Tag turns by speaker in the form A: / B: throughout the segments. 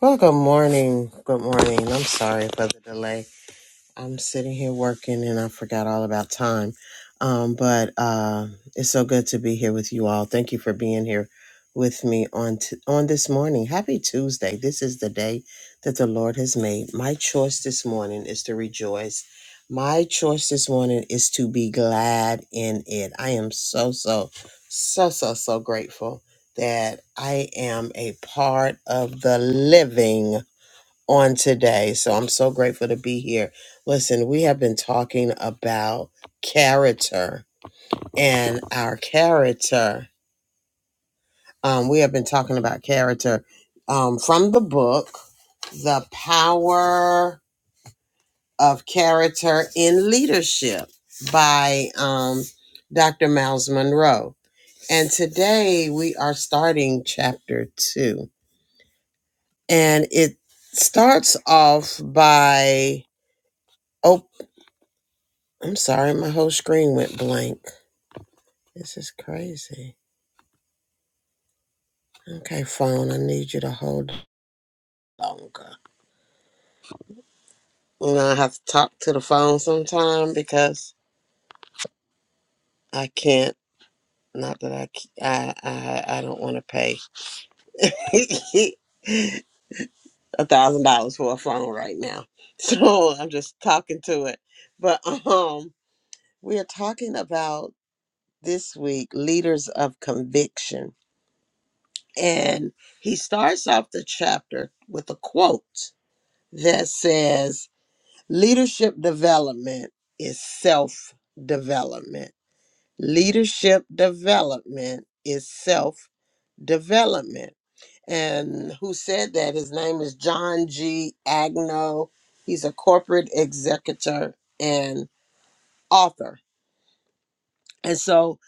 A: Well, good morning. Good morning. I'm sorry for the delay. I'm sitting here working and I forgot all about time. Um, but uh, it's so good to be here with you all. Thank you for being here with me on t- on this morning. Happy Tuesday. This is the day that the Lord has made. My choice this morning is to rejoice. My choice this morning is to be glad in it. I am so so so so so grateful that I am a part of the living on today. So I'm so grateful to be here. Listen, we have been talking about character and our character. Um, we have been talking about character um, from the book, The Power of Character in Leadership by um, Dr. Miles Monroe. And today we are starting chapter two. And it starts off by I'm sorry, my whole screen went blank. This is crazy. Okay, phone, I need you to hold longer. You know, I have to talk to the phone sometime because I can't. Not that I, c- I, I, I don't want to pay a thousand dollars for a phone right now. So I'm just talking to it. But um, we are talking about this week leaders of conviction, and he starts off the chapter with a quote that says leadership development is self development. Leadership development is self development. And who said that? His name is John G. Agno. He's a corporate executor and author. And so,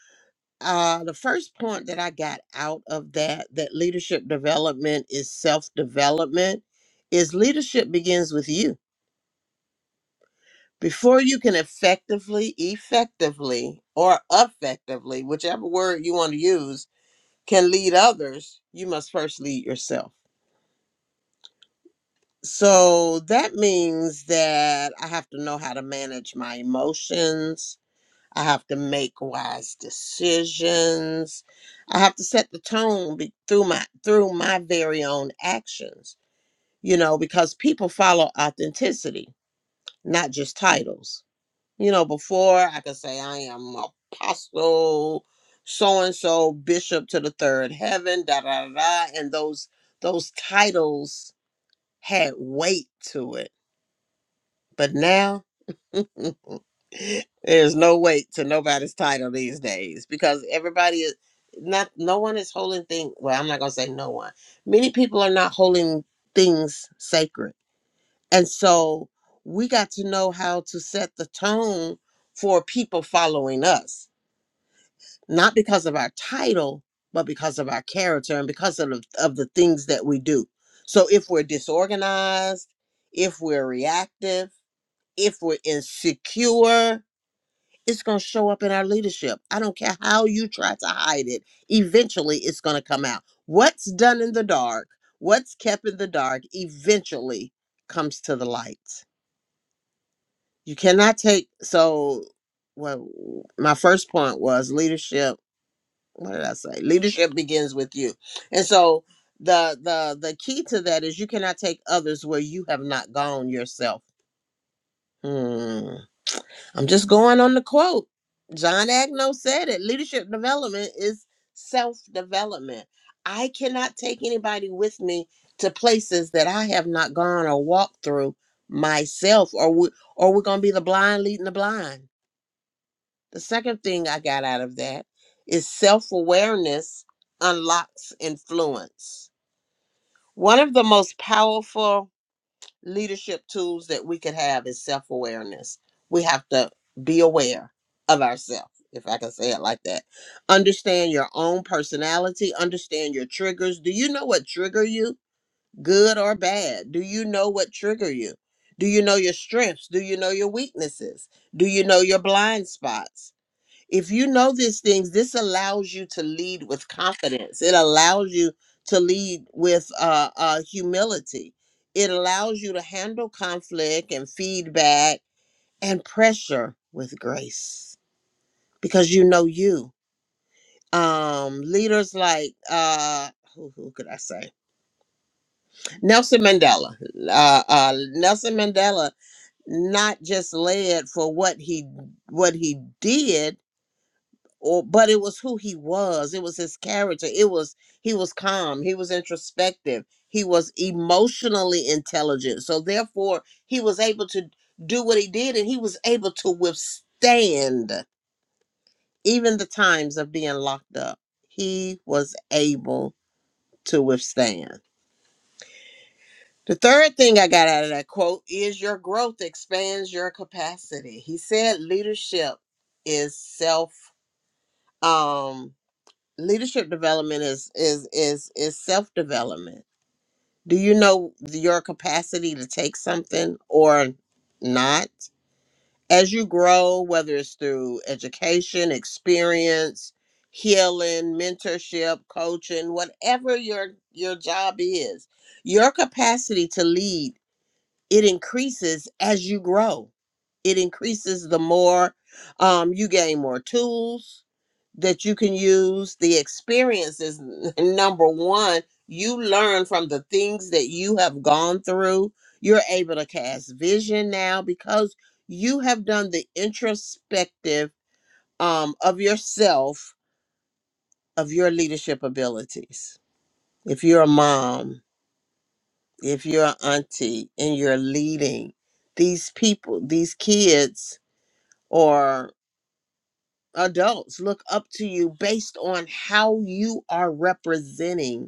A: uh, the first point that I got out of that, that leadership development is self development, is leadership begins with you Before you can effectively, effectively, or effectively, whichever word you want to use, can lead others, you must first lead yourself. So that means that I have to know how to manage my emotions. I have to make wise decisions. I have to set the tone be- through my through my very own actions, you know, because people follow authenticity, not just titles You know, before I could say I am apostle, so and so, bishop to the third heaven, da da da, da, and those those titles had weight to it. But now there's no weight to nobody's title these days because everybody is not. No one is holding thing. Well, I'm not gonna say no one. Many people are not holding things sacred, and so we got to know how to set the tone for people following us. not because of our title, but because of our character and because of, of the things that we do. So if we're disorganized, if we're reactive, if we're insecure, it's going to show up in our leadership. I don't care how you try to hide it. Eventually, it's going to come out. What's done in the dark, what's kept in the dark, eventually comes to the light. You cannot take, so, well, my first point was leadership what did I say? Leadership begins with you. And so the the the key to that is you cannot take others where you have not gone yourself. Hmm. I'm just going on the quote. John Agno said it. Leadership development is self-development. I cannot take anybody with me to places that I have not gone or walked through myself or we, or we're going to be the blind leading the blind the second thing I got out of that is self awareness unlocks influence. One of the most powerful leadership tools that we could have is self awareness. We have to be aware of ourselves, if I can say it like that. Understand your own personality, understand your triggers. Do you know what trigger you, good or bad? Do you know what trigger you? Do you know your strengths? Do you know your weaknesses? Do you know your blind spots? if you know these things, this allows you to lead with confidence. It allows you to lead with uh, uh, humility. It allows you to handle conflict and feedback and pressure with grace because you know you. Um, leaders like uh, who, who could I say? Nelson Mandela. Uh, uh, Nelson Mandela not just led for what he what he did, or but it was who he was it was his character it was he was calm he was introspective he was emotionally intelligent so therefore he was able to do what he did and he was able to withstand even the times of being locked up he was able to withstand the third thing I got out of that quote is your growth expands your capacity. He said leadership is self um leadership development is is is is self development do you know your capacity to take something or not as you grow whether it's through education experience healing mentorship coaching whatever your your job is your capacity to lead it increases as you grow it increases the more um, you gain more tools that you can use the experiences number one you learn from the things that you have gone through you're able to cast vision now because you have done the introspective um, of yourself of your leadership abilities if you're a mom if you're an auntie and you're leading these people these kids or adults look up to you based on how you are representing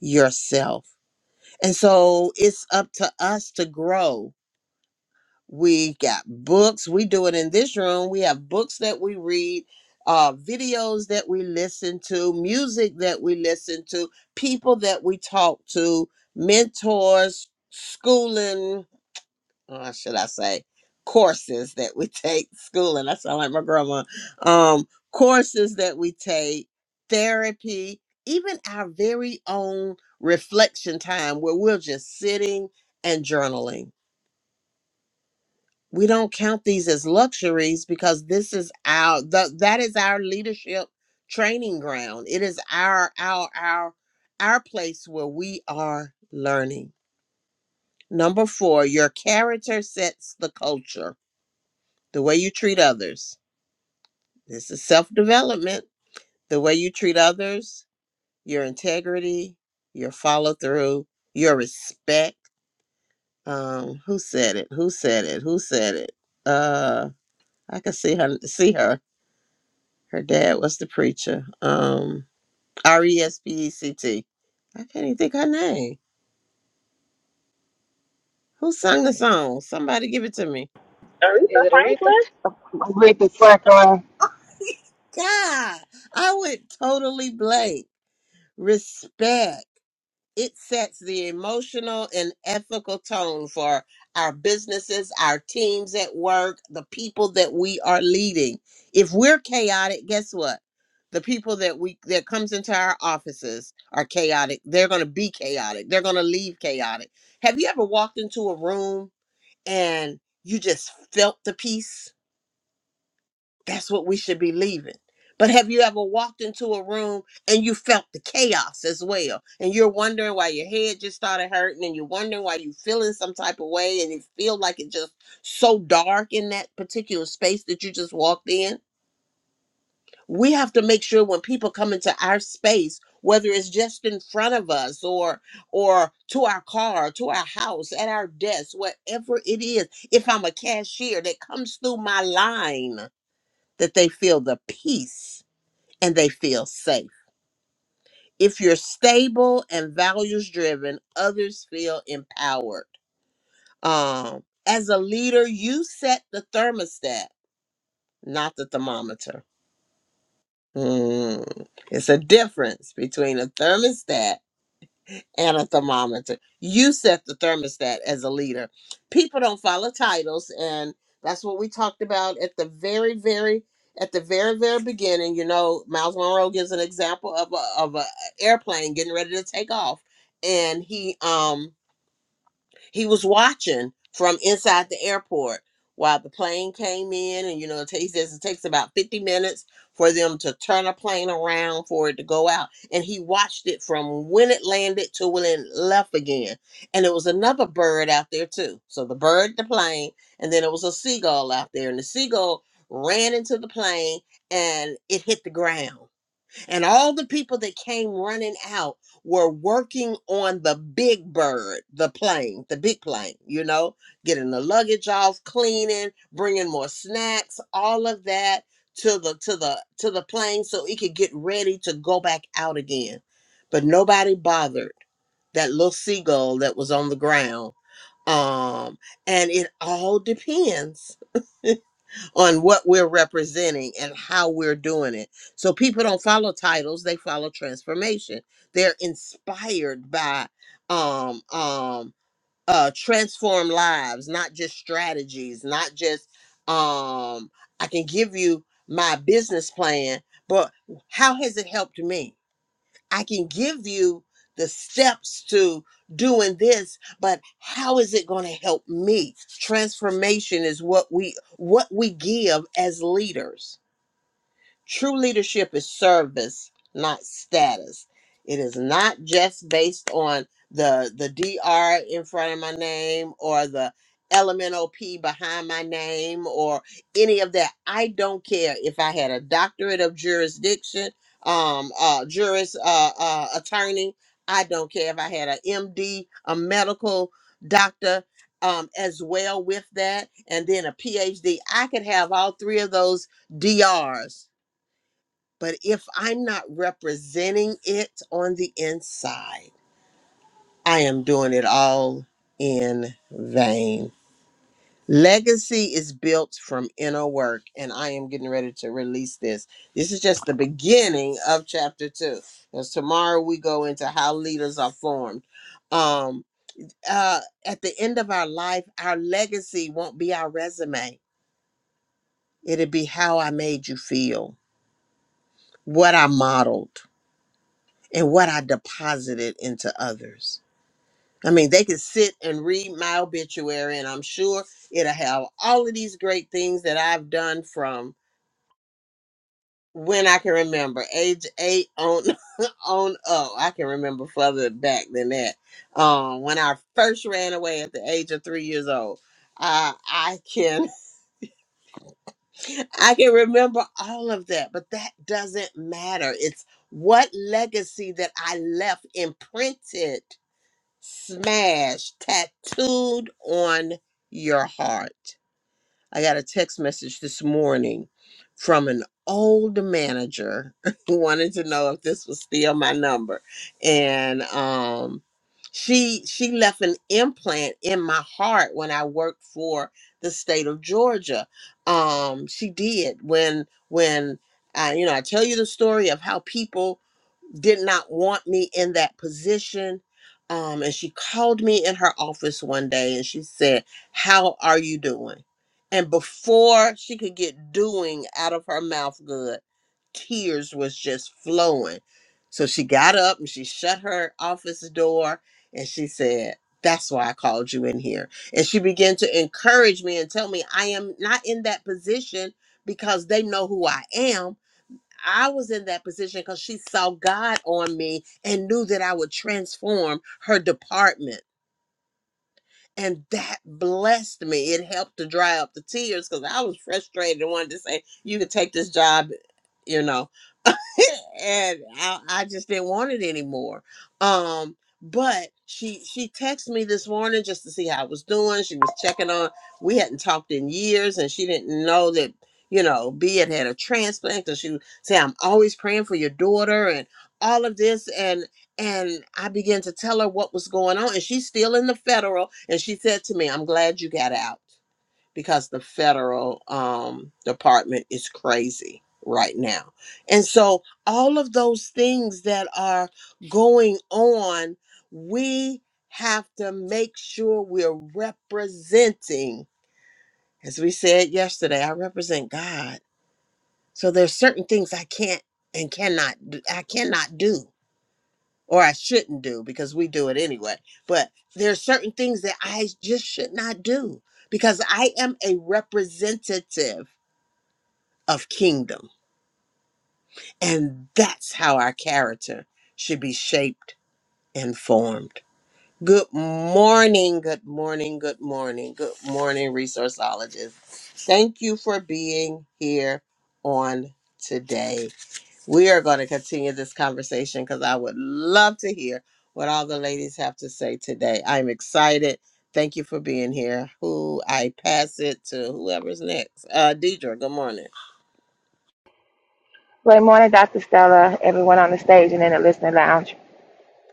A: yourself. And so it's up to us to grow. We got books, we do it in this room. We have books that we read, uh, videos that we listen to, music that we listen to, people that we talk to, mentors, schooling, uh, should I say, courses that we take, schooling? and I sound like my grandma, um, courses that we take, therapy, even our very own reflection time where we're just sitting and journaling. We don't count these as luxuries because this is our th- that is our leadership training ground. It is our our our our place where we are learning. Number 4, your character sets the culture the way you treat others. This is self development. The way you treat others, your integrity, your follow through, your respect. Um, who said it? Who said it? Who said it? Uh, I can see her. See her. Her dad was the preacher. Um, R E S P E C T. I can't even think her name. Who sung the song? Somebody give it to me.
B: Aretha
C: Is it Aretha?
B: Franklin.
D: Ricky Cracker.
A: God, I went totally blank. Respect. it sets the emotional and ethical tone for our businesses, our teams at work, the people that we are leading. If we're chaotic, guess what? The people that we that comes into our offices are chaotic. They're going to be chaotic. They're going to leave chaotic. Have you ever walked into a room and you just felt the peace? That's what we should be leaving. But have you ever walked into a room and you felt the chaos as well? And you're wondering why your head just started hurting and you're wondering why you're feeling some type of way and it feel like it's just so dark in that particular space that you just walked in? We have to make sure when people come into our space, whether it's just in front of us or or to our car, to our house, at our desk, whatever it is, if I'm a cashier that comes through my line that they feel the peace and they feel safe. If you're stable and values driven, others feel empowered. Um, as a leader, you set the thermostat, not the thermometer. Mm. It's a difference between a thermostat and a thermometer. You set the thermostat as a leader. People don't follow titles, and that's what we talked about at the very, very, at the very, very beginning. You know, Miles Monroe gives an example of a of a airplane getting ready to take off, and he um he was watching from inside the airport while the plane came in, and you know, it ta- he says it takes about 50 minutes for them to turn a plane around for it to go out. And he watched it from when it landed to when it left again. And it was another bird out there too. So the bird, the plane, and then it was a seagull out there, and the seagull ran into the plane and it hit the ground and all the people that came running out were working on the big bird, the plane, the big plane, you know, getting the luggage off, cleaning, bringing more snacks, all of that to the to the to the plane so it could get ready to go back out again. But nobody bothered that little seagull that was on the ground. Um and it all depends on what we're representing and how we're doing it. So people don't follow titles, they follow transformation. They're inspired by um um uh transform lives, not just strategies, not just um I can give you my business plan, but how has it helped me? I can give you the steps to doing this, but how is it going to help me? Transformation is what we what we give as leaders True leadership is service, not status. It is not just based on the the D R in front of my name or the LMNOP behind my name or any of that. I don't care if I had a doctorate of jurisdiction, um, uh, juris uh, uh, attorney. I don't care if I had a M D, a medical doctor, um, as well with that, and then a PhD. I could have all three of those D Rs. But if I'm not representing it on the inside, I am doing it all in vain. Legacy is built from inner work, and I am getting ready to release this. This is just the beginning of chapter two, because tomorrow we go into how leaders are formed. Um, uh, at the end of our life, our legacy won't be our resume, it'll be how I made you feel, what I modeled and what I deposited into others. I mean, they could sit and read my obituary, and I'm sure it'll have all of these great things that I've done from when I can remember, age eight on on up. I can remember further back than that. Um, when I first ran away at the age of three years old, uh, I can I can remember all of that, but that doesn't matter. It's what legacy that I left imprinted smash tattooed on your heart. I got a text message this morning from an old manager who wanted to know if this was still my number. And um she she left an implant in my heart when I worked for the state of Georgia. Um she did when when I, you know, I tell you the story of how people did not want me in that position. Um, and she called me in her office one day and she said, How are you doing? And before she could get doing out of her mouth good, tears was just flowing. So she got up and she shut her office door and she said, That's why I called you in here. And she began to encourage me and tell me I am not in that position because they know who I am I was in that position because she saw God on me and knew that I would transform her department. And that blessed me. It helped to dry up the tears because I was frustrated and wanted to say, you can take this job, you know. and I, I just didn't want it anymore. Um, but she she texted me this morning just to see how I was doing. She was checking on. We hadn't talked in years, and she didn't know that you know B had had a transplant. And she said, "I'm always praying for your daughter," and all of this. And I began to tell her what was going on. And she's still in the federal. And she said to me, I'm glad you got out because the federal um, department is crazy right now. And so, all of those things that are going on, we have to make sure we're representing. As we said yesterday, I represent God. So, there's certain things I can't and cannot, do- I cannot do or I shouldn't do because we do it anyway. But there are certain things that I just should not do because I am a representative of kingdom. And that's how our character should be shaped and formed. Good morning, good morning, good morning, good morning, resourceologists. Thank you for being here on today. We are going to continue this conversation because I would love to hear what all the ladies have to say today. I'm excited. Thank you for being here. Who I pass it to whoever's next. Uh Deidre, good morning.
D: Good morning, Dr. Stella, everyone on the stage and in the listening lounge.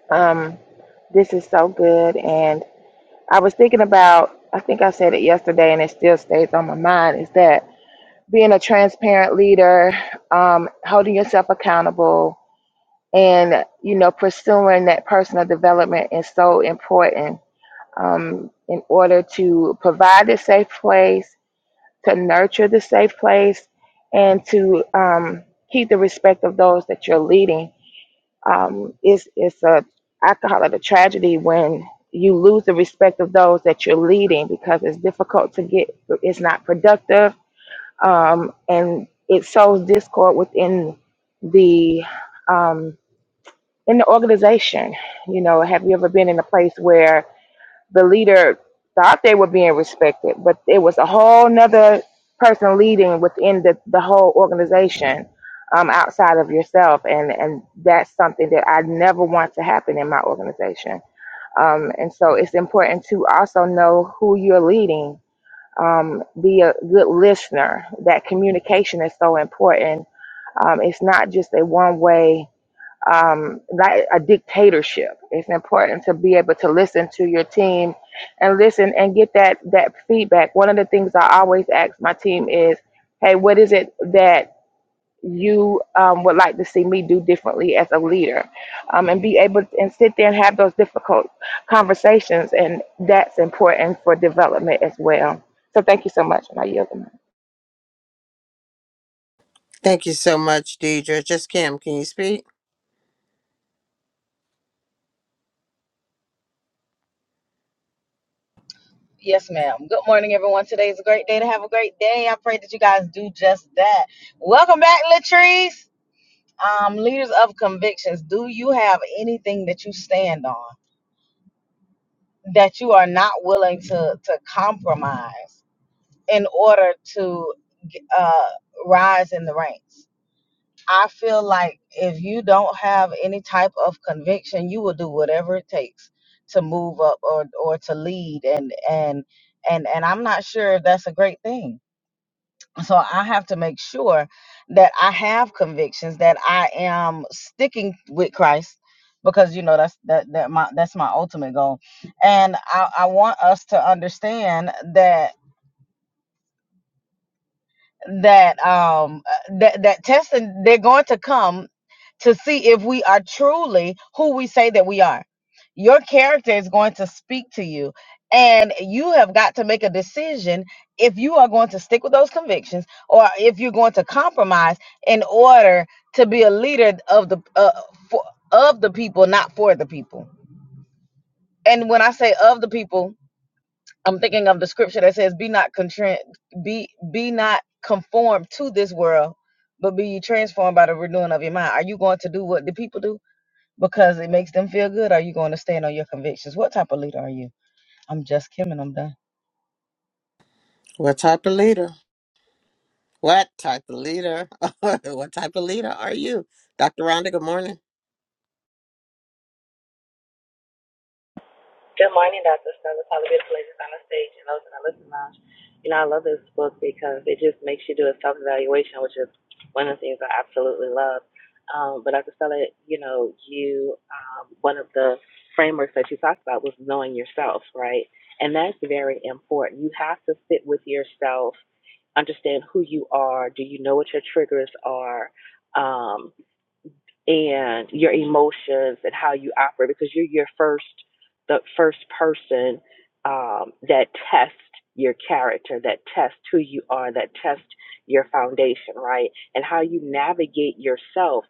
D: Um, this is so good. And I was thinking about, I think I said it yesterday and it still stays on my mind, is that being a transparent leader, um, holding yourself accountable, and, you know, pursuing that personal development is so important um, in order to provide a safe place to nurture the safe place and to um, keep the respect of those that you're leading. Um, it's, it's a, I call it a tragedy when you lose the respect of those that you're leading because it's difficult to get, it's not productive, um, and it sows discord within the um, in the organization. You know, have you ever been in a place where the leader thought they were being respected, but it was a whole nother person leading within the, the whole organization um, outside of yourself. And, and that's something that I never want to happen in my organization. Um, and so it's important to also know who you're leading. Um, be a good listener. That communication is so important. Um, it's not just a one way um, not a dictatorship. It's important to be able to listen to your team and listen and get that that feedback. One of the things I always ask my team is, "Hey, what is it that you um, would like to see me do differently as a leader?" Um, and be able to, and sit there and have those difficult conversations, and that's important for development as well. So thank you so much, and I yield. the mic.
A: Thank you so much, Deidre. Just Kim, can you speak?
C: Yes, ma'am. Good morning, everyone. Today is a great day to have a great day. I pray that you guys do just that. Welcome back, Latrice. Um, leaders of convictions, do you have anything that you stand on that you are not willing to to compromise in order to uh, rise in the ranks? I feel like if you don't have any type of conviction, you will do whatever it takes to move up or or to lead and and and and I'm not sure if that's a great thing. So I have to make sure that I have convictions that I am sticking with Christ because you know that's that that my that's my ultimate goal. And I I want us to understand that that um uh, that that testing they're going to come to see if we are truly who we say that we are. Your character is going to speak to you and you have got to make a decision if you are going to stick with those convictions or if you're going to compromise in order to be a leader of the uh, for, of the people not for the people. And when I say of the people, I'm thinking of the scripture that says, "Be not contrite, be be not conformed to this world, but be ye transformed by the renewing of your mind." Are you going to do what the people do because it makes them feel good? Are you going to stand on your convictions? What type of leader are you? I'm just Kim, and I'm done.
A: What type of leader? What type of leader? what type of leader are you? Dr. Rhonda, good morning.
B: Good morning, Dr. Stella. probably the beautiful ladies on the stage and those in the listening lounge. You know, I love this book because it just makes you do a self evaluation, which is one of the things I absolutely love. Um, but Dr. Stella, you know, you um, one of the frameworks that you talked about was knowing yourself, right? And that's very important. You have to sit with yourself understand who you are. Do you know what your triggers are? Um, and your emotions and how you operate because you're your first the first person um, that tests your character that tests who you are that tests your foundation right and how you navigate yourself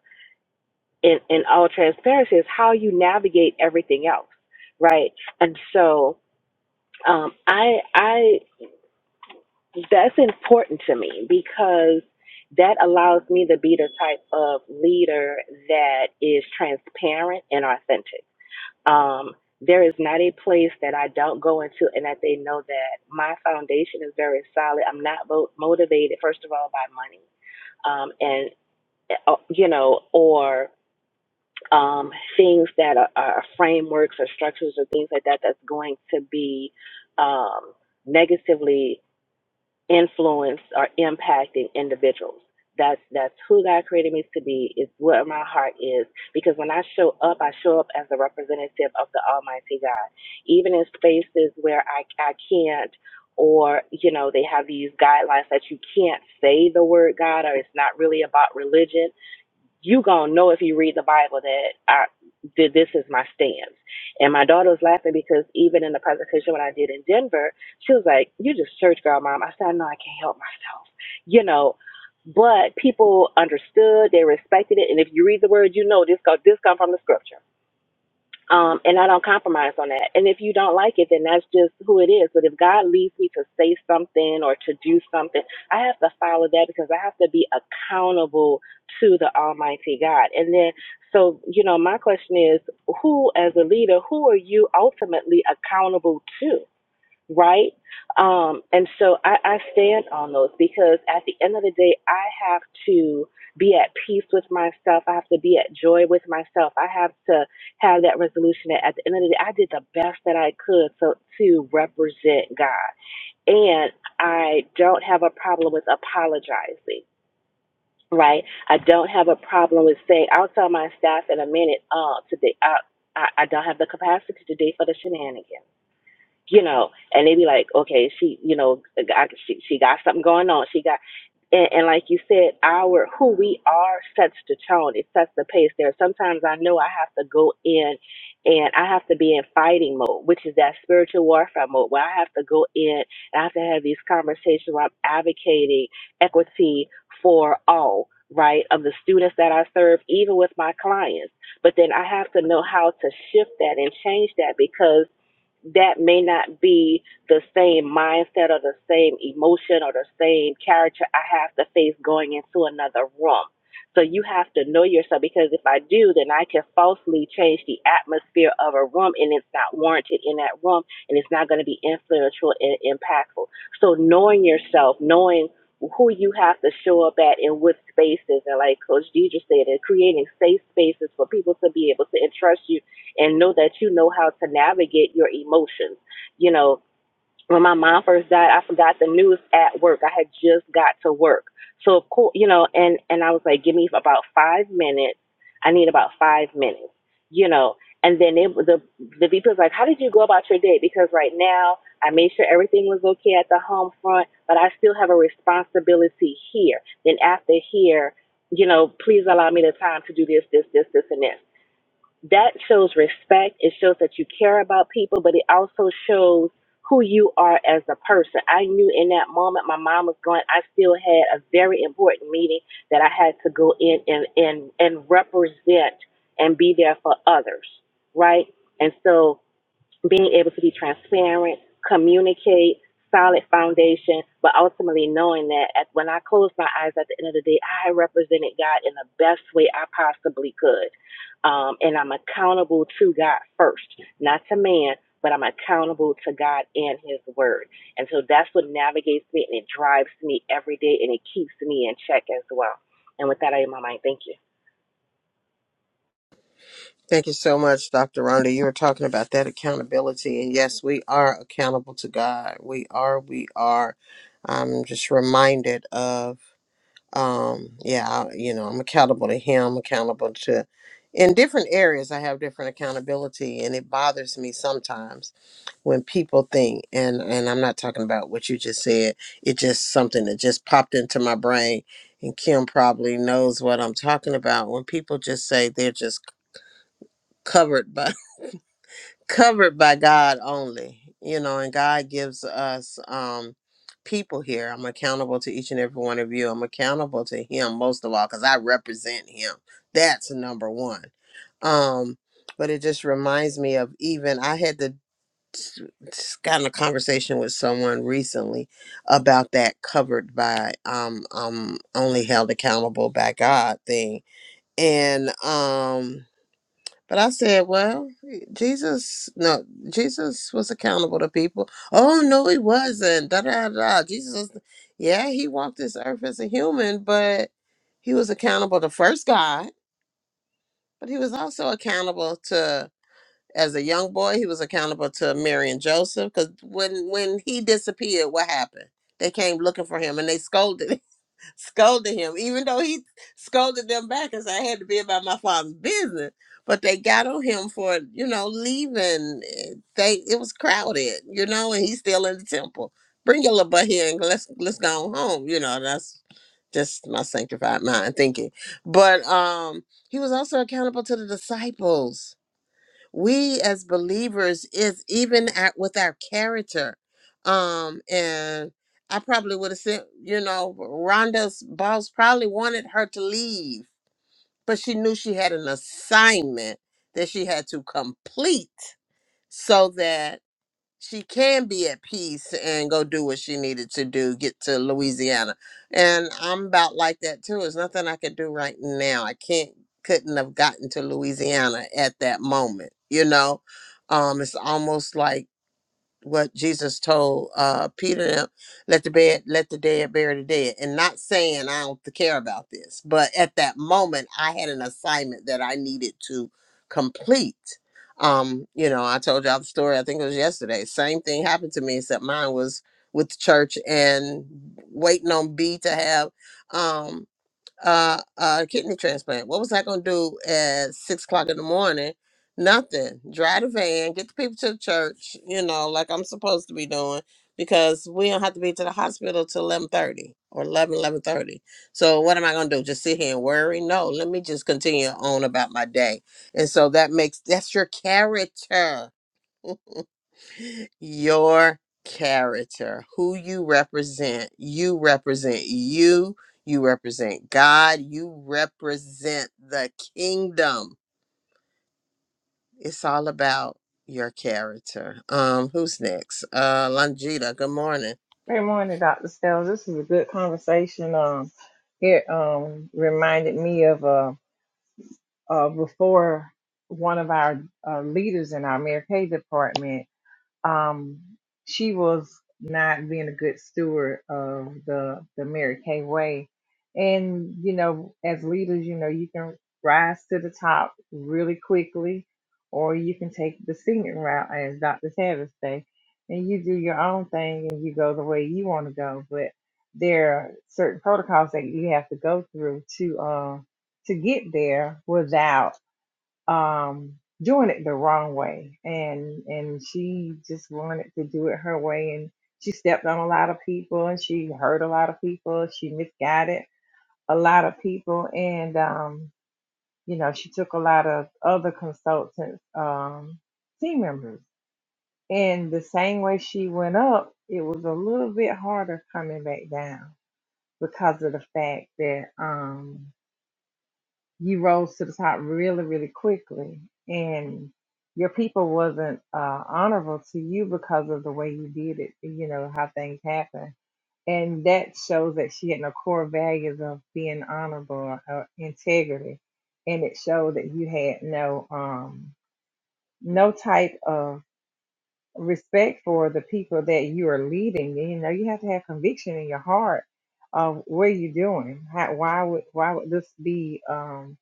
B: in in all transparency is how you navigate everything else right and so um, i i that's important to me because that allows me to be the type of leader that is transparent and authentic. Um, there is not a place that I don't go into and that they know that my foundation is very solid. I'm not mo- motivated, first of all, by money um, and, uh, you know, or um, things that are, are frameworks or structures or things like that that's going to be um, negatively influence or impacting individuals. That's that's who God created me to be. It's what my heart is. Because when I show up, I show up as a representative of the Almighty God. Even in spaces where I I can't or you know they have these guidelines that you can't say the word God or it's not really about religion you gonna know if you read the Bible that I that this is my stance. And my daughter was laughing because even in the presentation when I did in Denver, she was like, "You just church girl, mom." I said, "No, I can't help myself," you know. But people understood, they respected it, and if you read the word, you know this go this come from the scripture. Um, and I don't compromise on that. And if you don't like it, then that's just who it is. But if God leads me to say something or to do something, I have to follow that because I have to be accountable to the Almighty God. And then, so, you know, my question is who, as a leader, who are you ultimately accountable to? right? Um, and so I, I stand on those because at the end of the day, I have to be at peace with myself. I have to be at joy with myself. I have to have that resolution that at the end of the day, I did the best that I could so to represent God. And I don't have a problem with apologizing. Right, I don't have a problem with saying. I'll tell my staff in a minute. Uh, today, I, I I don't have the capacity today for the shenanigans you know, and they be like, okay, she, you know, I, she, she got something going on. She got, and, and like you said, our who we are sets the tone. It sets the pace. There, are sometimes I know I have to go in, and I have to be in fighting mode, which is that spiritual warfare mode, where I have to go in and I have to have these conversations where I'm advocating equity for all. Right, of the students that I serve, even with my clients. But then I have to know how to shift that and change that because that may not be the same mindset or the same emotion or the same character I have to face going into another room. So you have to know yourself because if I do, then I can falsely change the atmosphere of a room and it's not warranted in that room and it's not going to be influential and impactful. So knowing yourself, knowing who you have to show up at in what spaces and like Coach Deidre said, and creating safe spaces for people to be able to entrust you and know that you know how to navigate your emotions. You know, when my mom first died, I forgot the news at work. I had just got to work. So of course, you know, and and I was like, give me about 5 minutes. I need about 5 minutes, you know. And then it, the the VP was like, "How did you go about your day?" Because right now, I made sure everything was okay at the home front, but I still have a responsibility here. Then after here, you know, please allow me the time to do this, this, this, this, and this that shows respect. It shows that you care about people, but it also shows who you are as a person. I knew in that moment my mom was going. I still had a very important meeting that I had to go in and and and represent and be there for others, right? And so being able to be transparent, communicate, solid foundation, but ultimately knowing that at, when I closed my eyes at the end of the day, I represented God in the best way I possibly could. Um, and I'm accountable to God first, not to man, but I'm accountable to God and His Word. And so that's what navigates me and it drives me every day and it keeps me in check as well. And with that, I am on my mind. thank you.
A: Thank you so much, Dr. Rhonda. You were talking about that accountability. And yes, we are accountable to God. We are, we are. I'm just reminded of, um, yeah, I- you know, I'm accountable to Him, accountable to, in different areas, I have different accountability. And it bothers me sometimes when people think and and i'm not talking about what you just said it just something that just popped into my brain and kim probably knows what i'm talking about when people just say they're just c- covered by covered by God only, you know, and God gives us um people here. I'm accountable to each and every one of you. I'm accountable to him most of all cuz I represent him. That's number 1. Um but it just reminds me of even I had to just got in a conversation with someone recently about that covered by um um only held accountable by God thing. And um but I said, well, Jesus, no, Jesus was accountable to people. Oh, no, he wasn't. Da da da. Jesus, was- yeah, he walked this earth as a human, but he was accountable to first God, but he was also accountable to, as a young boy, he was accountable to Mary and Joseph because when when he disappeared, what happened? They came looking for him and they scolded him scolded him, even though he scolded them back and said, I had to be about my father's business. But they got on him for, you know, leaving. They it was crowded, you know, and he's still in the temple. Bring your little butt here and let's let's go on home. You know, that's just my sanctified mind thinking. But um he was also accountable to the disciples we as believers is even at with our character um and i probably would have said you know rhonda's boss probably wanted her to leave but she knew she had an assignment that she had to complete so that she can be at peace and go do what she needed to do, get to Louisiana. And I'm about like that too. There's nothing I could do right now. I can't couldn't have gotten to Louisiana at that moment, you know? Um, it's almost like what Jesus told uh, Peter, and them, let the bed, let the dead bury the dead, and not saying I don't care about this, but at that moment I had an assignment that I needed to complete. Um, you know, I told y'all the story. I think it was yesterday. Same thing happened to me, except mine was with the church and waiting on B to have. Um, uh, uh, kidney transplant. What was I going to do at six o'clock in the morning? Nothing. Drive the van, get the people to the church, you know, like I'm supposed to be doing because we don't have to be to the hospital till 11.30 or eleven eleven thirty. So what am I going to do? Just sit here and worry? No, let me just continue on about my day. And so that makes, that's your character your character, who you represent. You represent you, you represent God, you represent the kingdom. It's all about your character. Um, who's next? Uh Langita, good morning.
E: Good morning, Dr. Stella. This is a good conversation. Um, it um, reminded me of uh, uh, before one of our uh, leaders in our Mary Kay department um, she was not being a good steward of the the Mary Kay way. And you know, as leaders, you know, you can rise to the top really quickly, or you can take the singing route, as Dr. Tavis say, and you do your own thing and you go the way you want to go. But there are certain protocols that you have to go through to uh, to get there without um, doing it the wrong way, and and she just wanted to do it her way, and she stepped on a lot of people, and she hurt a lot of people, she misguided a lot of people, and um, you know she took a lot of other consultants, um, team members, and the same way she went up, it was a little bit harder coming back down because of the fact that um you rose to the top really, really quickly, and your people wasn't uh, honorable to you because of the way you did it. You know how things happen, and that shows that she had no core values of being honorable or integrity, and it showed that you had no um no type of respect for the people that you are leading. You know, you have to have conviction in your heart of what you're doing. How, why would why would this be? Um,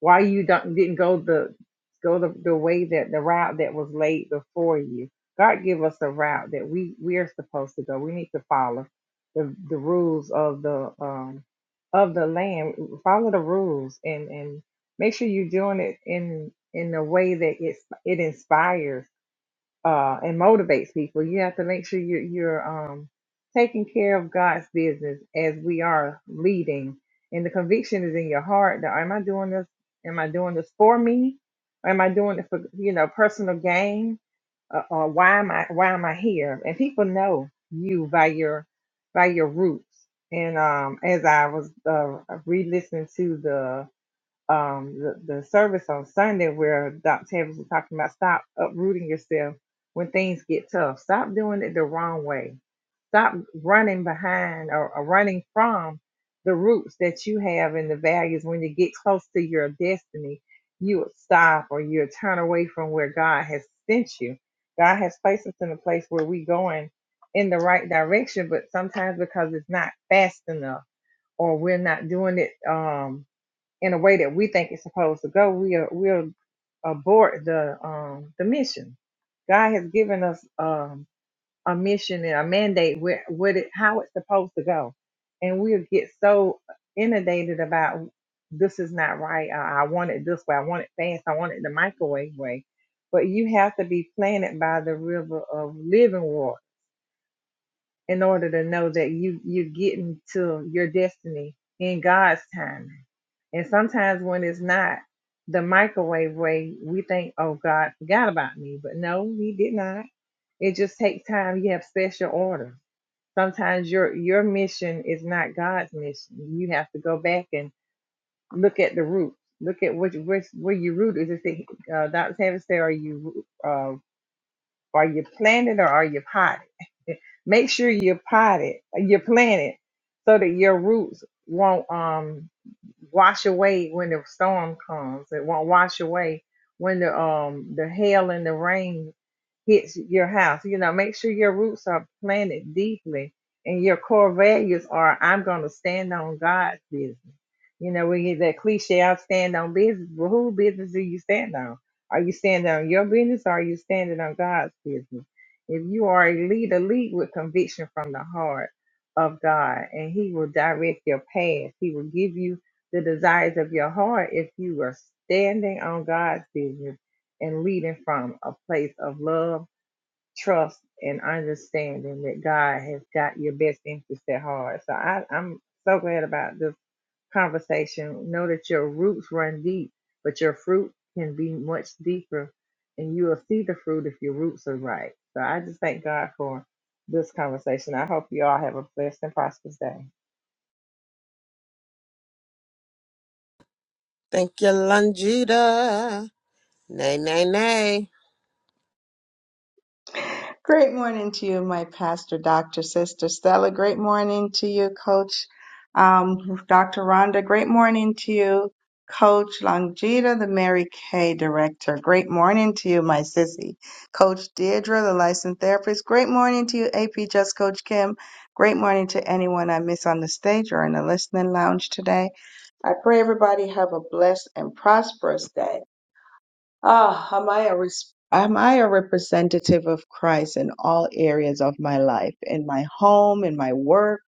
E: why you don't, didn't go the go the, the way that the route that was laid before you? God give us a route that we we are supposed to go. We need to follow the the rules of the um of the land. Follow the rules and and make sure you're doing it in in a way that it's it inspires uh, and motivates people. You have to make sure you're, you're um, taking care of God's business as we are leading. And the conviction is in your heart that am I doing this? Am I doing this for me? Or am I doing it for you know personal gain? Uh, uh, why am I why am I here? And people know you by your by your roots. And um, as I was uh, re-listening to the um, the, the service on Sunday where Dr. Tavis was talking about stop uprooting yourself when things get tough. Stop doing it the wrong way. Stop running behind or, or running from the roots that you have and the values. When you get close to your destiny, you would stop or you would turn away from where God has sent you. God has placed us in a place where we're going in the right direction, but sometimes because it's not fast enough or we're not doing it. Um, in a way that we think it's supposed to go, we are we'll abort the um the mission. God has given us um a mission and a mandate where what it how it's supposed to go, and we'll get so inundated about this is not right. I, I want it this way. I want it fast. I want it the microwave way. But you have to be planted by the river of living water in order to know that you you're getting to your destiny in God's timing. And sometimes when it's not the microwave way, we think, "Oh, God forgot about me," but no, He did not. It just takes time. You have special order. Sometimes your your mission is not God's mission. You have to go back and look at the root. Look at which which where your root is. Is it uh, Dr. Tavis say, "Are you uh, are you planted or are you potted? Make sure you're potted, you're planted, so that your roots won't um wash away when the storm comes. It won't wash away when the um the hail and the rain hits your house. You know, make sure your roots are planted deeply and your core values are I'm going to stand on God's business. You know, we get that cliche, I stand on business. Well, whose business do you stand on? Are you standing on your business or are you standing on God's business? If you are a leader, lead with conviction from the heart of God and He will direct your path. He will give you the desires of your heart if you are standing on God's business and leading from a place of love trust and understanding that God has got your best interest at heart. So I, I'm so glad about this conversation. Know that your roots run deep, but your fruit can be much deeper, and you will see the fruit if your roots are right. So I just thank God for this conversation. I hope you all have a blessed and prosperous day.
A: Thank you, Langita. Nay, nay, nay.
F: Great morning to you, my pastor, Dr. Sister Stella. Great morning to you, Coach um, Dr. Rhonda. Great morning to you, Coach Longita, the Mary Kay director. Great morning to you, my sissy. Coach Deirdre, the licensed therapist. Great morning to you, AP Just Coach Kim. Great morning to anyone I miss on the stage or in the listening lounge today. I pray everybody have a blessed and prosperous day. Ah, am I a res- am I a representative of Christ in all areas of my life, in my home, in my work,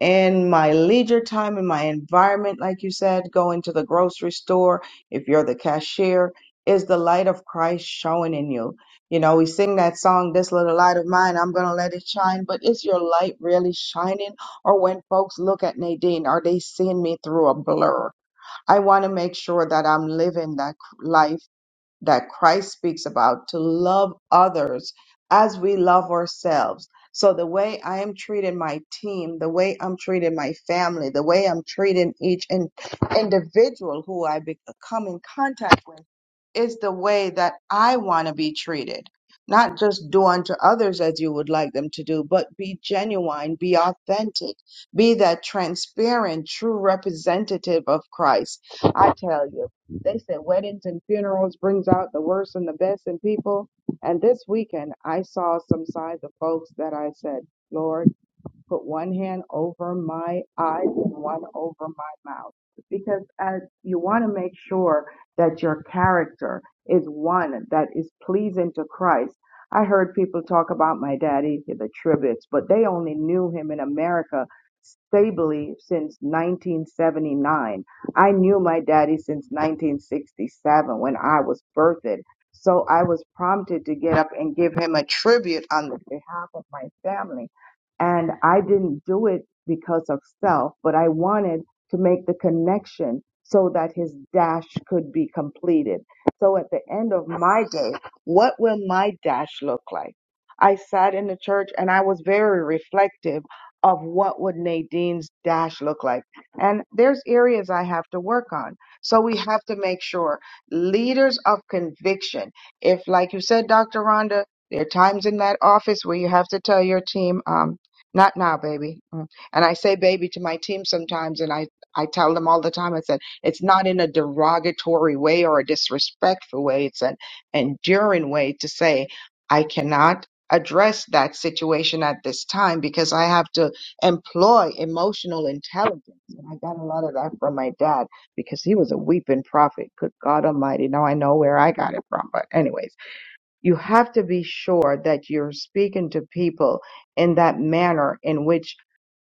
F: in my leisure time, in my environment, like you said, going to the grocery store, if you're the cashier, is the light of Christ showing in you? You know, we sing that song, This Little Light of Mine, I'm gonna let it shine, but is your light really shining? Or when folks look at Nadine, are they seeing me through a blur? I want to make sure that I'm living that life that Christ speaks about to love others as we love ourselves. So, the way I am treating my team, the way I'm treating my family, the way I'm treating each in- individual who I be- come in contact with is the way that I want to be treated. Not just do unto others as you would like them to do, but be genuine, be authentic, be that transparent, true representative of Christ. I tell you. They said weddings and funerals brings out the worst and the best in people. And this weekend, I saw some signs of folks that I said, Lord put one hand over my eyes and one over my mouth because as you want to make sure that your character is one that is pleasing to Christ. I heard people talk about my daddy, the Tribbles, but they only knew him in America stably since 1979. I knew my daddy since 1967 when I was birthed. So I was prompted to get up and give him a tribute on behalf of my family and I didn't do it because of self, but I wanted to make the connection so that his dash could be completed. So at the end of my day, what will my dash look like? I sat in the church and I was very reflective of what would Nadine's dash look like. And there's areas I have to work on. So we have to make sure leaders of conviction, if like you said, Dr. Rhonda, there are times in that office where you have to tell your team, um, not now, baby. Mm. And I say baby to my team sometimes, and I, I tell them all the time, I said, it's not in a derogatory way or a disrespectful way. It's an enduring way to say, I cannot address that situation at this time because I have to employ emotional intelligence. And I got a lot of that from my dad because he was a weeping prophet. Good God Almighty. Now I know where I got it from. But, anyways you have to be sure that you're speaking to people in that manner in which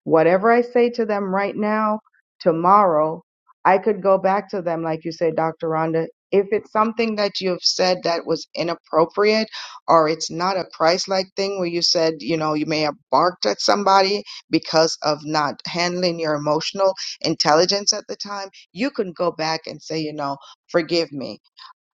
F: whatever I say to them right now, tomorrow, I could go back to them, like you said, Dr. Rhonda. If it's something that you've said that was inappropriate or it's not a Christ like thing where you said, you know, you may have barked at somebody because of not handling your emotional intelligence at the time, you can go back and say, you know, forgive me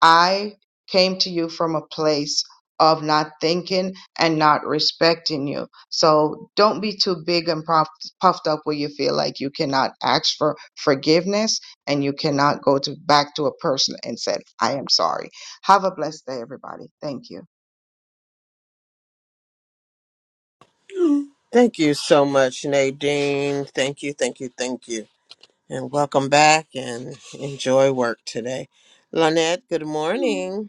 F: I came to you from a place of not thinking and not respecting you. So don't be too big and puff- puffed up where you feel like you cannot ask for forgiveness and you cannot go to back to a person and say, I am sorry. Have a blessed day, everybody. Thank you.
A: Thank you so much, Nadine. Thank you, thank you, thank you. And welcome back and enjoy work today. Lynette, good morning.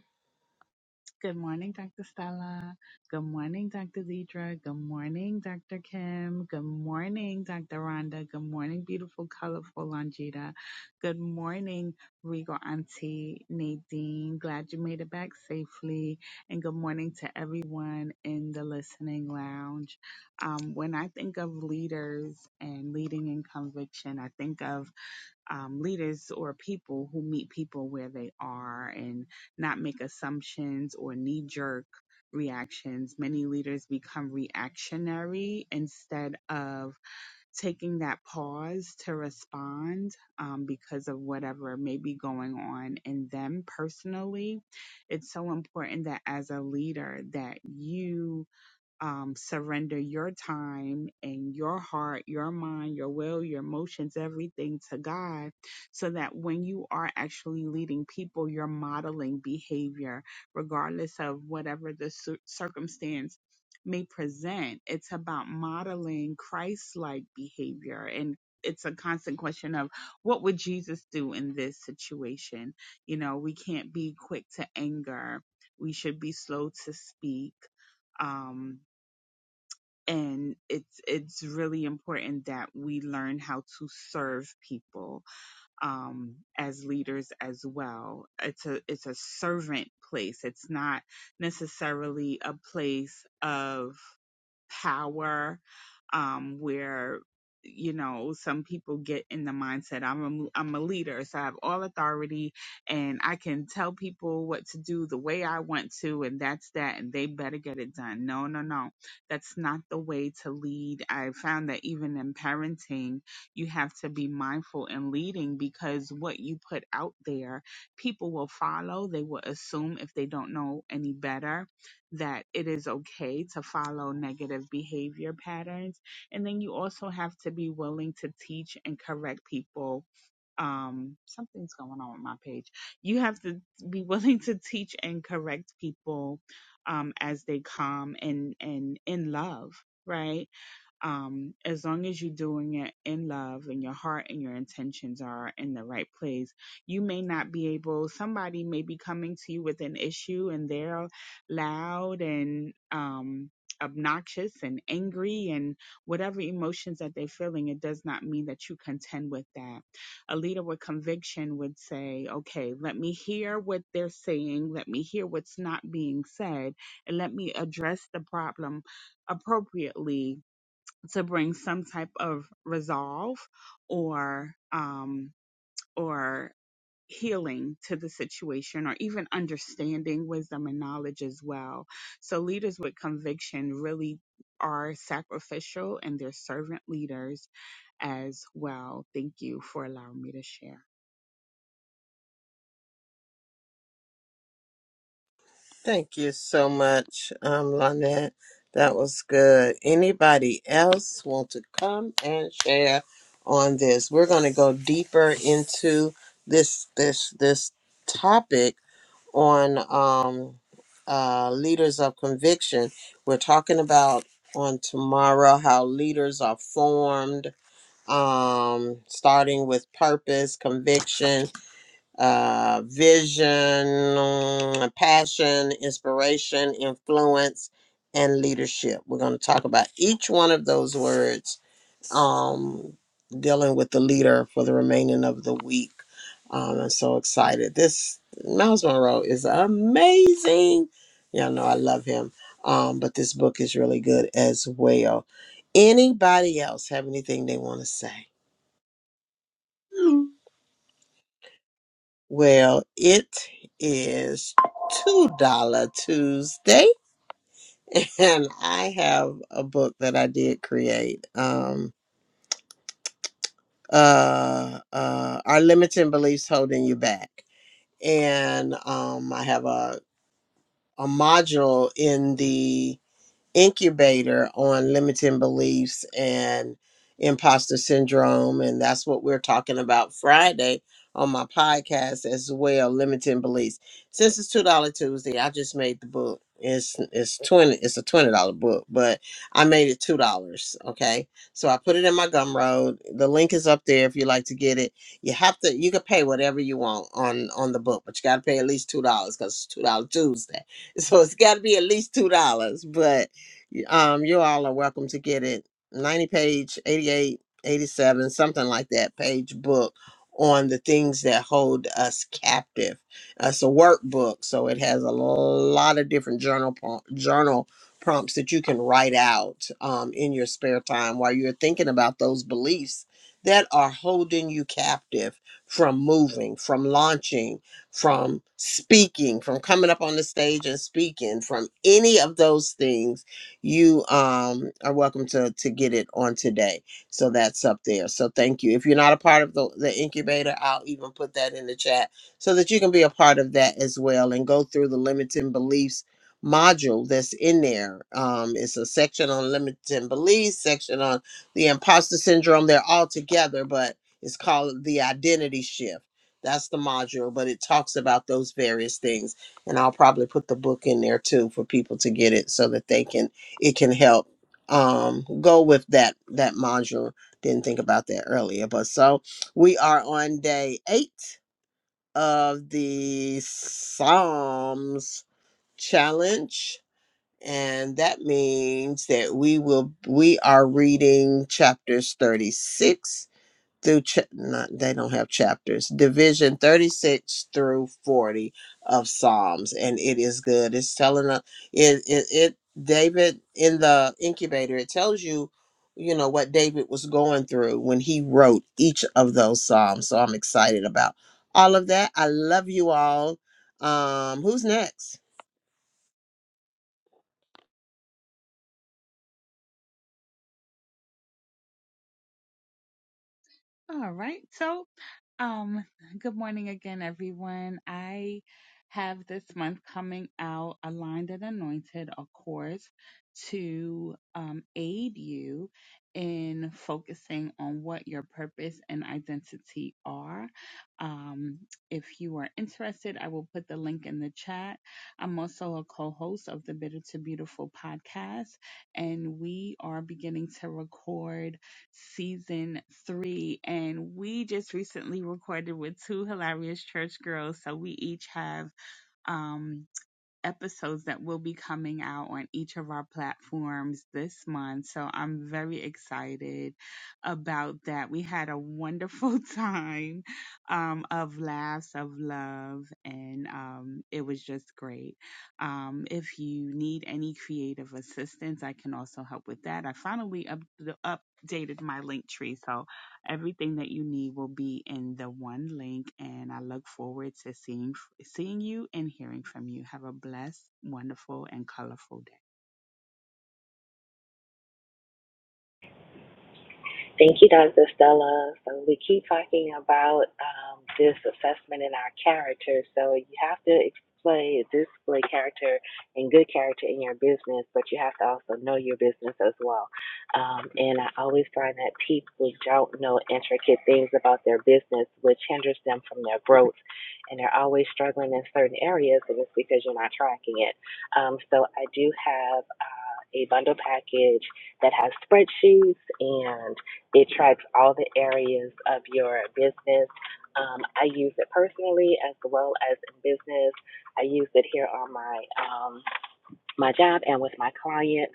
G: Good morning, Dr. Stella. Good morning, Dr. Deidre. Good morning, Dr. Kim. Good morning, Dr. Rhonda. Good morning, beautiful, colorful Longita. Good morning, Regal Auntie Nadine. Glad you made it back safely. And good morning to everyone in the listening lounge. Um, when I think of leaders and leading in conviction, I think of um, leaders or people who meet people where they are and not make assumptions or knee jerk reactions. Many leaders become reactionary instead of taking that pause to respond um, because of whatever may be going on in them personally. It's so important that as a leader that you um, surrender your time and your heart, your mind, your will, your emotions, everything to God, so that when you are actually leading people, you're modeling behavior, regardless of whatever the cir- circumstance may present. It's about modeling Christ like behavior. And it's a constant question of what would Jesus do in this situation? You know, we can't be quick to anger. We should be slow to speak. Um, and it's it's really important that we learn how to serve people um, as leaders as well. It's a it's a servant place. It's not necessarily a place of power um, where you know some people get in the mindset I'm a, I'm a leader so I have all authority and I can tell people what to do the way I want to and that's that and they better get it done. No, no, no. That's not the way to lead. I found that even in parenting you have to be mindful in leading because what you put out there, people will follow. They will assume if they don't know any better that it is okay to follow negative behavior patterns. And then you also have to be willing to teach and correct people. Um, something's going on with my page. You have to be willing to teach and correct people um, as they come and and in love, right? um, as long as you're doing it in love and your heart and your intentions are in the right place, you may not be able, somebody may be coming to you with an issue and they're loud and, um, obnoxious and angry and whatever emotions that they're feeling it does not mean that you contend with that a leader with conviction would say okay let me hear what they're saying let me hear what's not being said and let me address the problem appropriately to bring some type of resolve or um or healing to the situation or even understanding wisdom and knowledge as well so leaders with conviction really are sacrificial and they're servant leaders as well thank you for allowing me to share
A: Thank you so much, um, Lynette. That was good. Anybody else want to come and share on this? We're going to go deeper into this this this topic on um, uh, leaders of conviction. We're talking about on tomorrow how leaders are formed, um, starting with purpose, conviction, uh, vision, passion, inspiration, influence, and leadership. We're going to talk about each one of those words, um, dealing with the leader for the remaining of the week. Um, I'm so excited. This Miles Monroe is amazing. Y'all know I love him. Um, but this book is really good as well. Anybody else have anything they want to say? Well, it is two dollar Tuesday, and I have a book that I did create. Um, uh, uh, are limiting beliefs holding you back? And um, I have a a module in the incubator on limiting beliefs and imposter syndrome. And that's what we're talking about Friday on my podcast as well, limiting beliefs. Since it's two dollar Tuesday, I just made the book. It's it's twenty it's a twenty dollar book, but I made it two dollars. Okay. So I put it in my gumroad. The link is up there if you like to get it. You have to you can pay whatever you want on on the book, but you gotta pay at least two dollars because it's two dollar Tuesday. So it's gotta be at least two dollars. But um, you all are welcome to get it. 90 page, 88, 87, something like that page book on the things that hold us captive. Uh, It's a workbook, so it has a lot of different journal pro- journal prompts that you can write out um, in your spare time while you're thinking about those beliefs that are holding you captive from moving, from launching, from speaking, from coming up on the stage and speaking, from any of those things you um, are welcome to to get it on today. So that's up there. So thank you. If you're not a part of the, the incubator, I'll even put that in the chat so that you can be a part of that as well and go through the limiting beliefs module that's in there. Um, it's a section on limiting beliefs, section on the imposter syndrome. They're all together, but it's called the identity shift. That's the module, but it talks about those various things. And I'll probably put the book in there too for people to get it so that they can it can help um go with that that module didn't think about that earlier but so we are on day eight of the psalms challenge and that means that we will we are reading chapters 36 through ch- not, they don't have chapters division 36 through 40 of psalms and it is good it's telling us it, it it david in the incubator it tells you you know what david was going through when he wrote each of those psalms so i'm excited about all of that i love you all um who's next
G: All right. So, um, good morning again, everyone. I have this month coming out aligned and anointed a course to um, aid you in focusing on what your purpose and identity are. Um, if you are interested, I will put the link in the chat. I'm also a co host of the Bitter to Beautiful podcast, and we are beginning to record season three, and we just recently recorded with two hilarious church girls. So we each have um episodes that will be coming out on each of our platforms this month. So I'm very excited about that. We had a wonderful time um, of laughs, of love, and um, it was just great. Um, if you need any creative assistance, I can also help with that. I finally up- updated my link tree, so Everything that you need will be in the one link, and I look forward to seeing seeing you and hearing from you. Have a blessed, wonderful, and colorful day.
B: Thank you, Dr. Stella. So we keep talking about um, this assessment in our character. So you have to display display character and good character in your business, but you have to also know your business as well. Um, and I always find that people don't know intricate things about their business, which hinders them from their growth, and they're always struggling in certain areas, and it's because you're not tracking it. Um, so I do have uh, a bundle package that has spreadsheets and it tracks all the areas of your business. Um, I use it personally as well as in business. I use it here on my um, my job and with my clients.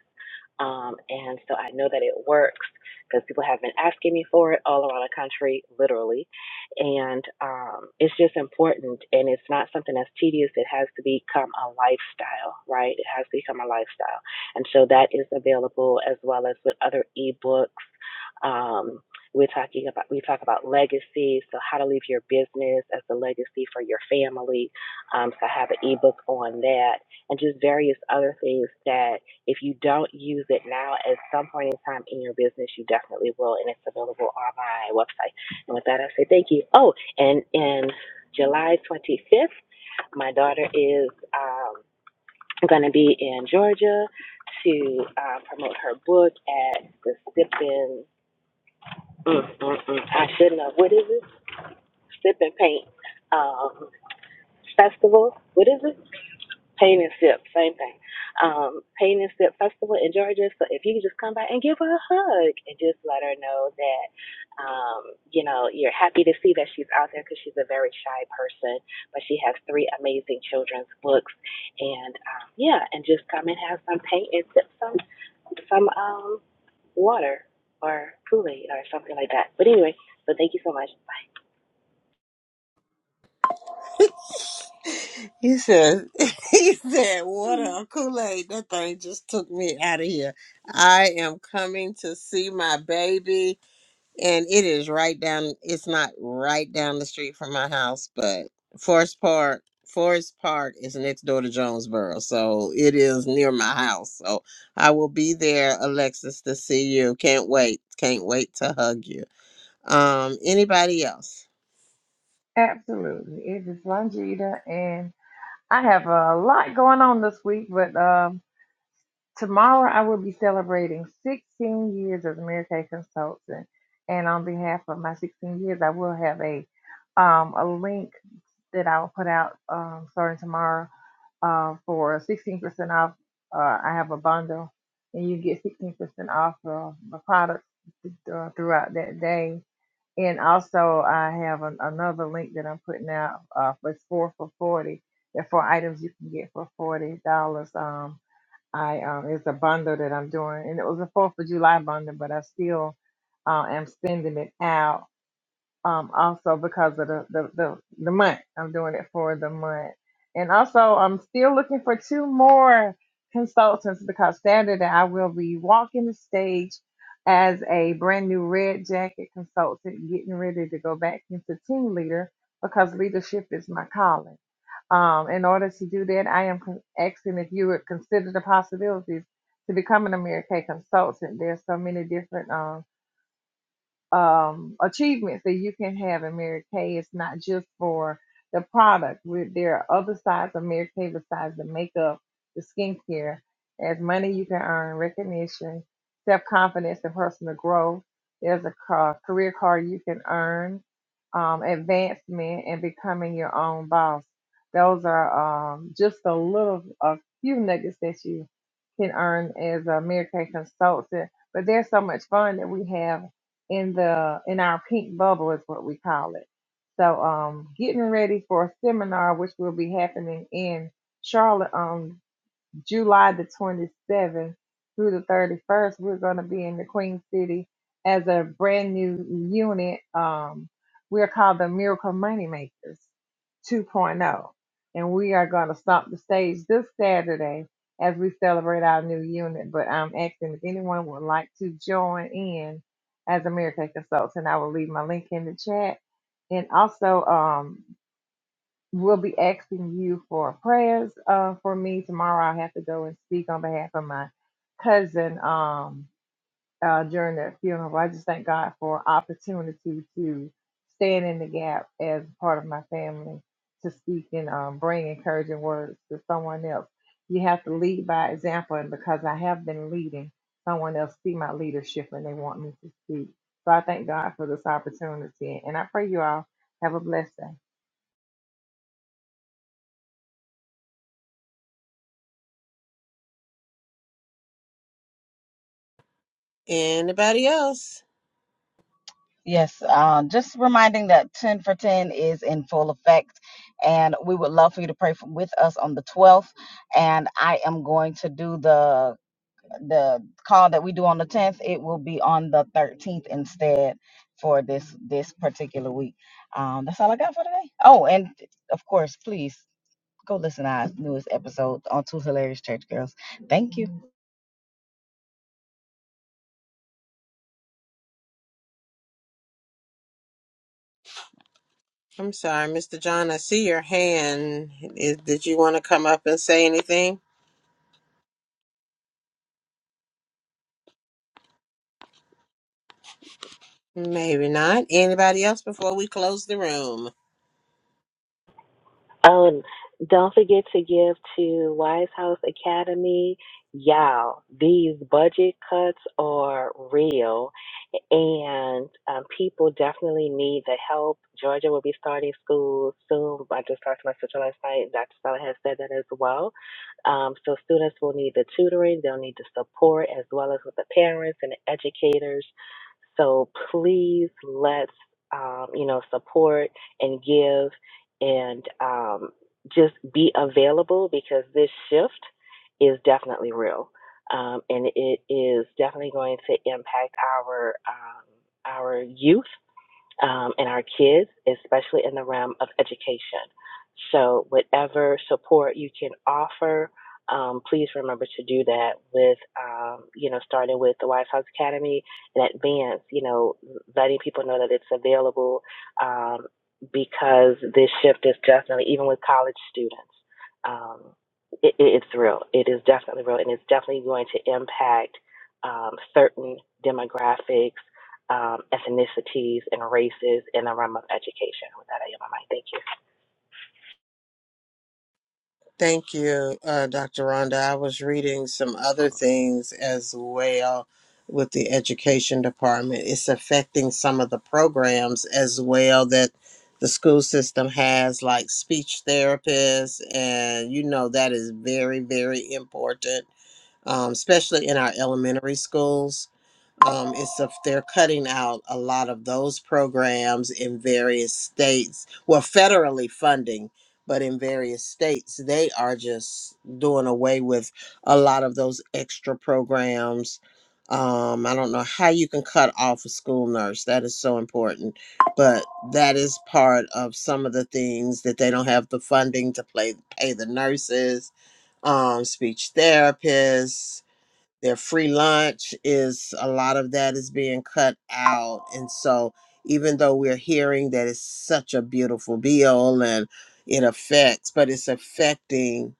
B: Um, and so I know that it works because people have been asking me for it all around the country, literally. And um, it's just important. And it's not something that's tedious. It has to become a lifestyle, right? It has to become a lifestyle. And so that is available as well as with other ebooks. Um, we're talking about we talk about legacy, so how to leave your business as a legacy for your family. Um, so I have an ebook on that, and just various other things that if you don't use it now, at some point in time in your business, you definitely will, and it's available on my website. And with that, I say thank you. Oh, and in July 25th, my daughter is um, going to be in Georgia to uh, promote her book at the Sip and mm, mm, mm, I shouldn't have. What is it? Sip and Paint um, Festival. What is it? Pain and Sip, same thing. Um, Pain and Sip Festival in Georgia. So if you could just come by and give her a hug and just let her know that, um, you know, you're happy to see that she's out there because she's a very shy person, but she has three amazing children's books, and um, yeah, and just come and have some paint and sip some some um water or Kool Aid or something like that. But anyway, so thank you so much. Bye.
A: He said, he said, water or Kool-Aid, that thing just took me out of here. I am coming to see my baby, and it is right down, it's not right down the street from my house, but Forest Park, Forest Park is next door to Jonesboro, so it is near my house. So I will be there, Alexis, to see you. Can't wait. Can't wait to hug you. Um, anybody else?
E: Absolutely. It is Longita, and I have a lot going on this week, but. Um, Tomorrow, I will be celebrating 16 years as a Mary Kay consultant, and on behalf of my 16 years, I will have a um, a link that I will put out um, starting tomorrow uh, for 16% off. Uh, I have a bundle, and you get 16% off of the products uh, throughout that day. And also, I have an, another link that I'm putting out uh, for it's four for 40. There are four items you can get for $40. Um, I um it's a bundle that I'm doing, and it was a Fourth of July bundle, but I still uh, am sending it out. Um, also because of the, the the the month, I'm doing it for the month, and also I'm still looking for two more consultants because Saturday I will be walking the stage as a brand new red jacket consultant, getting ready to go back into team leader because leadership is my calling. Um, in order to do that, I am con- asking if you would consider the possibilities to becoming a Mary Kay consultant. There's so many different um, um, achievements that you can have in Mary Kay. It's not just for the product. we there are other sides of Mary Kay besides the makeup, the skincare. There's money you can earn, recognition, self confidence, and personal growth. There's a ca- career card you can earn, um, advancement, and becoming your own boss. Those are um, just a little, a few nuggets that you can earn as a Mary Kay consultant. But there's so much fun that we have in the in our pink bubble is what we call it. So um getting ready for a seminar which will be happening in Charlotte on July the 27th through the 31st, we're going to be in the Queen City as a brand new unit. Um, we're called the Miracle Moneymakers 2.0. And we are going to stomp the stage this Saturday as we celebrate our new unit. But I'm asking if anyone would like to join in as a Miracle Consultant. I will leave my link in the chat. And also, um, We'll be asking you for prayers uh, for me tomorrow. I have to go and speak on behalf of my cousin um, uh, during that funeral. I just thank God for opportunity to stand in the gap as part of my family to speak and um, bring encouraging words to someone else. You have to lead by example, and because I have been leading, someone else see my leadership and they want me to speak. So I thank God for this opportunity, and I pray you all have a blessed day.
A: Anybody else?
C: Yes, uh, just reminding that 10 for 10 is in full effect, and we would love for you to pray for, with us on the 12th. And I am going to do the the call that we do on the 10th it will be on the 13th instead for this this particular week um that's all i got for today oh and of course please go listen to our newest episode on two hilarious church girls thank you
A: I'm sorry, Mr. John. I see your hand. Is, did you want to come up and say anything? Maybe not. Anybody else before we close the room?
B: Oh, and don't forget to give to Wise House Academy. Y'all, these budget cuts are real, and um, people definitely need the help. Georgia will be starting school soon. I just talked to my sister last night. Dr. Stella has said that as well. Um, so students will need the tutoring. They'll need the support as well as with the parents and the educators. So please let's um, you know support and give and um, just be available because this shift is definitely real, um, and it is definitely going to impact our um, our youth um, and our kids, especially in the realm of education. So, whatever support you can offer, um, please remember to do that with, um, you know, starting with the Wise House Academy in advance, you know, letting people know that it's available um, because this shift is definitely, even with college students, um, it, it's real. It is definitely real, and it's definitely going to impact um, certain demographics um, ethnicities and races in the realm of education. With that, I am on my mic. Thank you.
A: Thank you, uh, Dr. Rhonda. I was reading some other things as well with the education department. It's affecting some of the programs as well that the school system has, like speech therapists, and you know that is very, very important, um, especially in our elementary schools um, it's a, they're cutting out a lot of those programs in various states. Well, federally funding, but in various states, they are just doing away with a lot of those extra programs. Um, I don't know how you can cut off a school nurse. That is so important, but that is part of some of the things that they don't have the funding to play, pay the nurses, um, speech therapists their free lunch is a lot of that is being cut out. And so even though we're hearing that it's such a beautiful bill and it affects, but it's affecting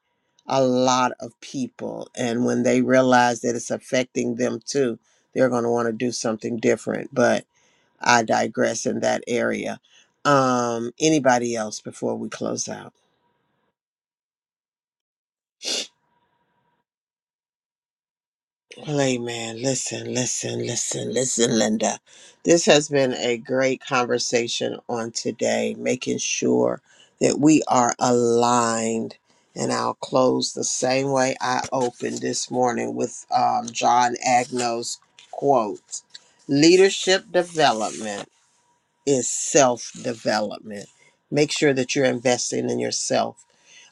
A: a lot of people. And when they realize that it's affecting them too, they're going to want to do something different. But I digress in that area. Um, anybody else before we close out? Hey man, Listen, listen, listen, listen, Linda. This has been a great conversation on today, making sure that we are aligned. And I'll close the same way I opened this morning with um, John Agnow's quote Leadership development is self development. Make sure that you're investing in yourself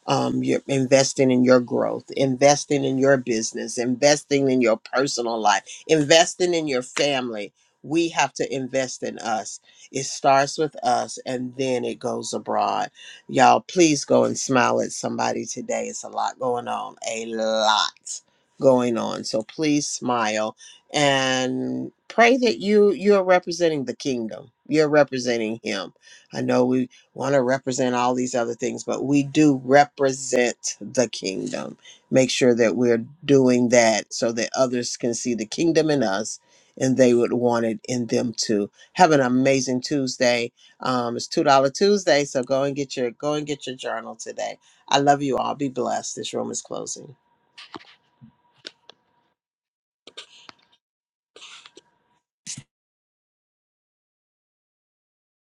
A: um, you're investing in your growth, investing in your business, investing in your personal life, investing in your family. We have to invest in us. It starts with us and then it goes abroad. Y'all, please go and smile at somebody today. It's a lot going on, a lot going on. So please smile and pray that you you're representing the kingdom. You're representing him. I know we want to represent all these other things, but we do represent the kingdom. Make sure that we're doing that so that others can see the kingdom in us and they would want it in them too. Have an amazing Tuesday. Um, it's two dollar Tuesday, so go and get your go and get your journal today. I love you all. Be blessed. This room is closing.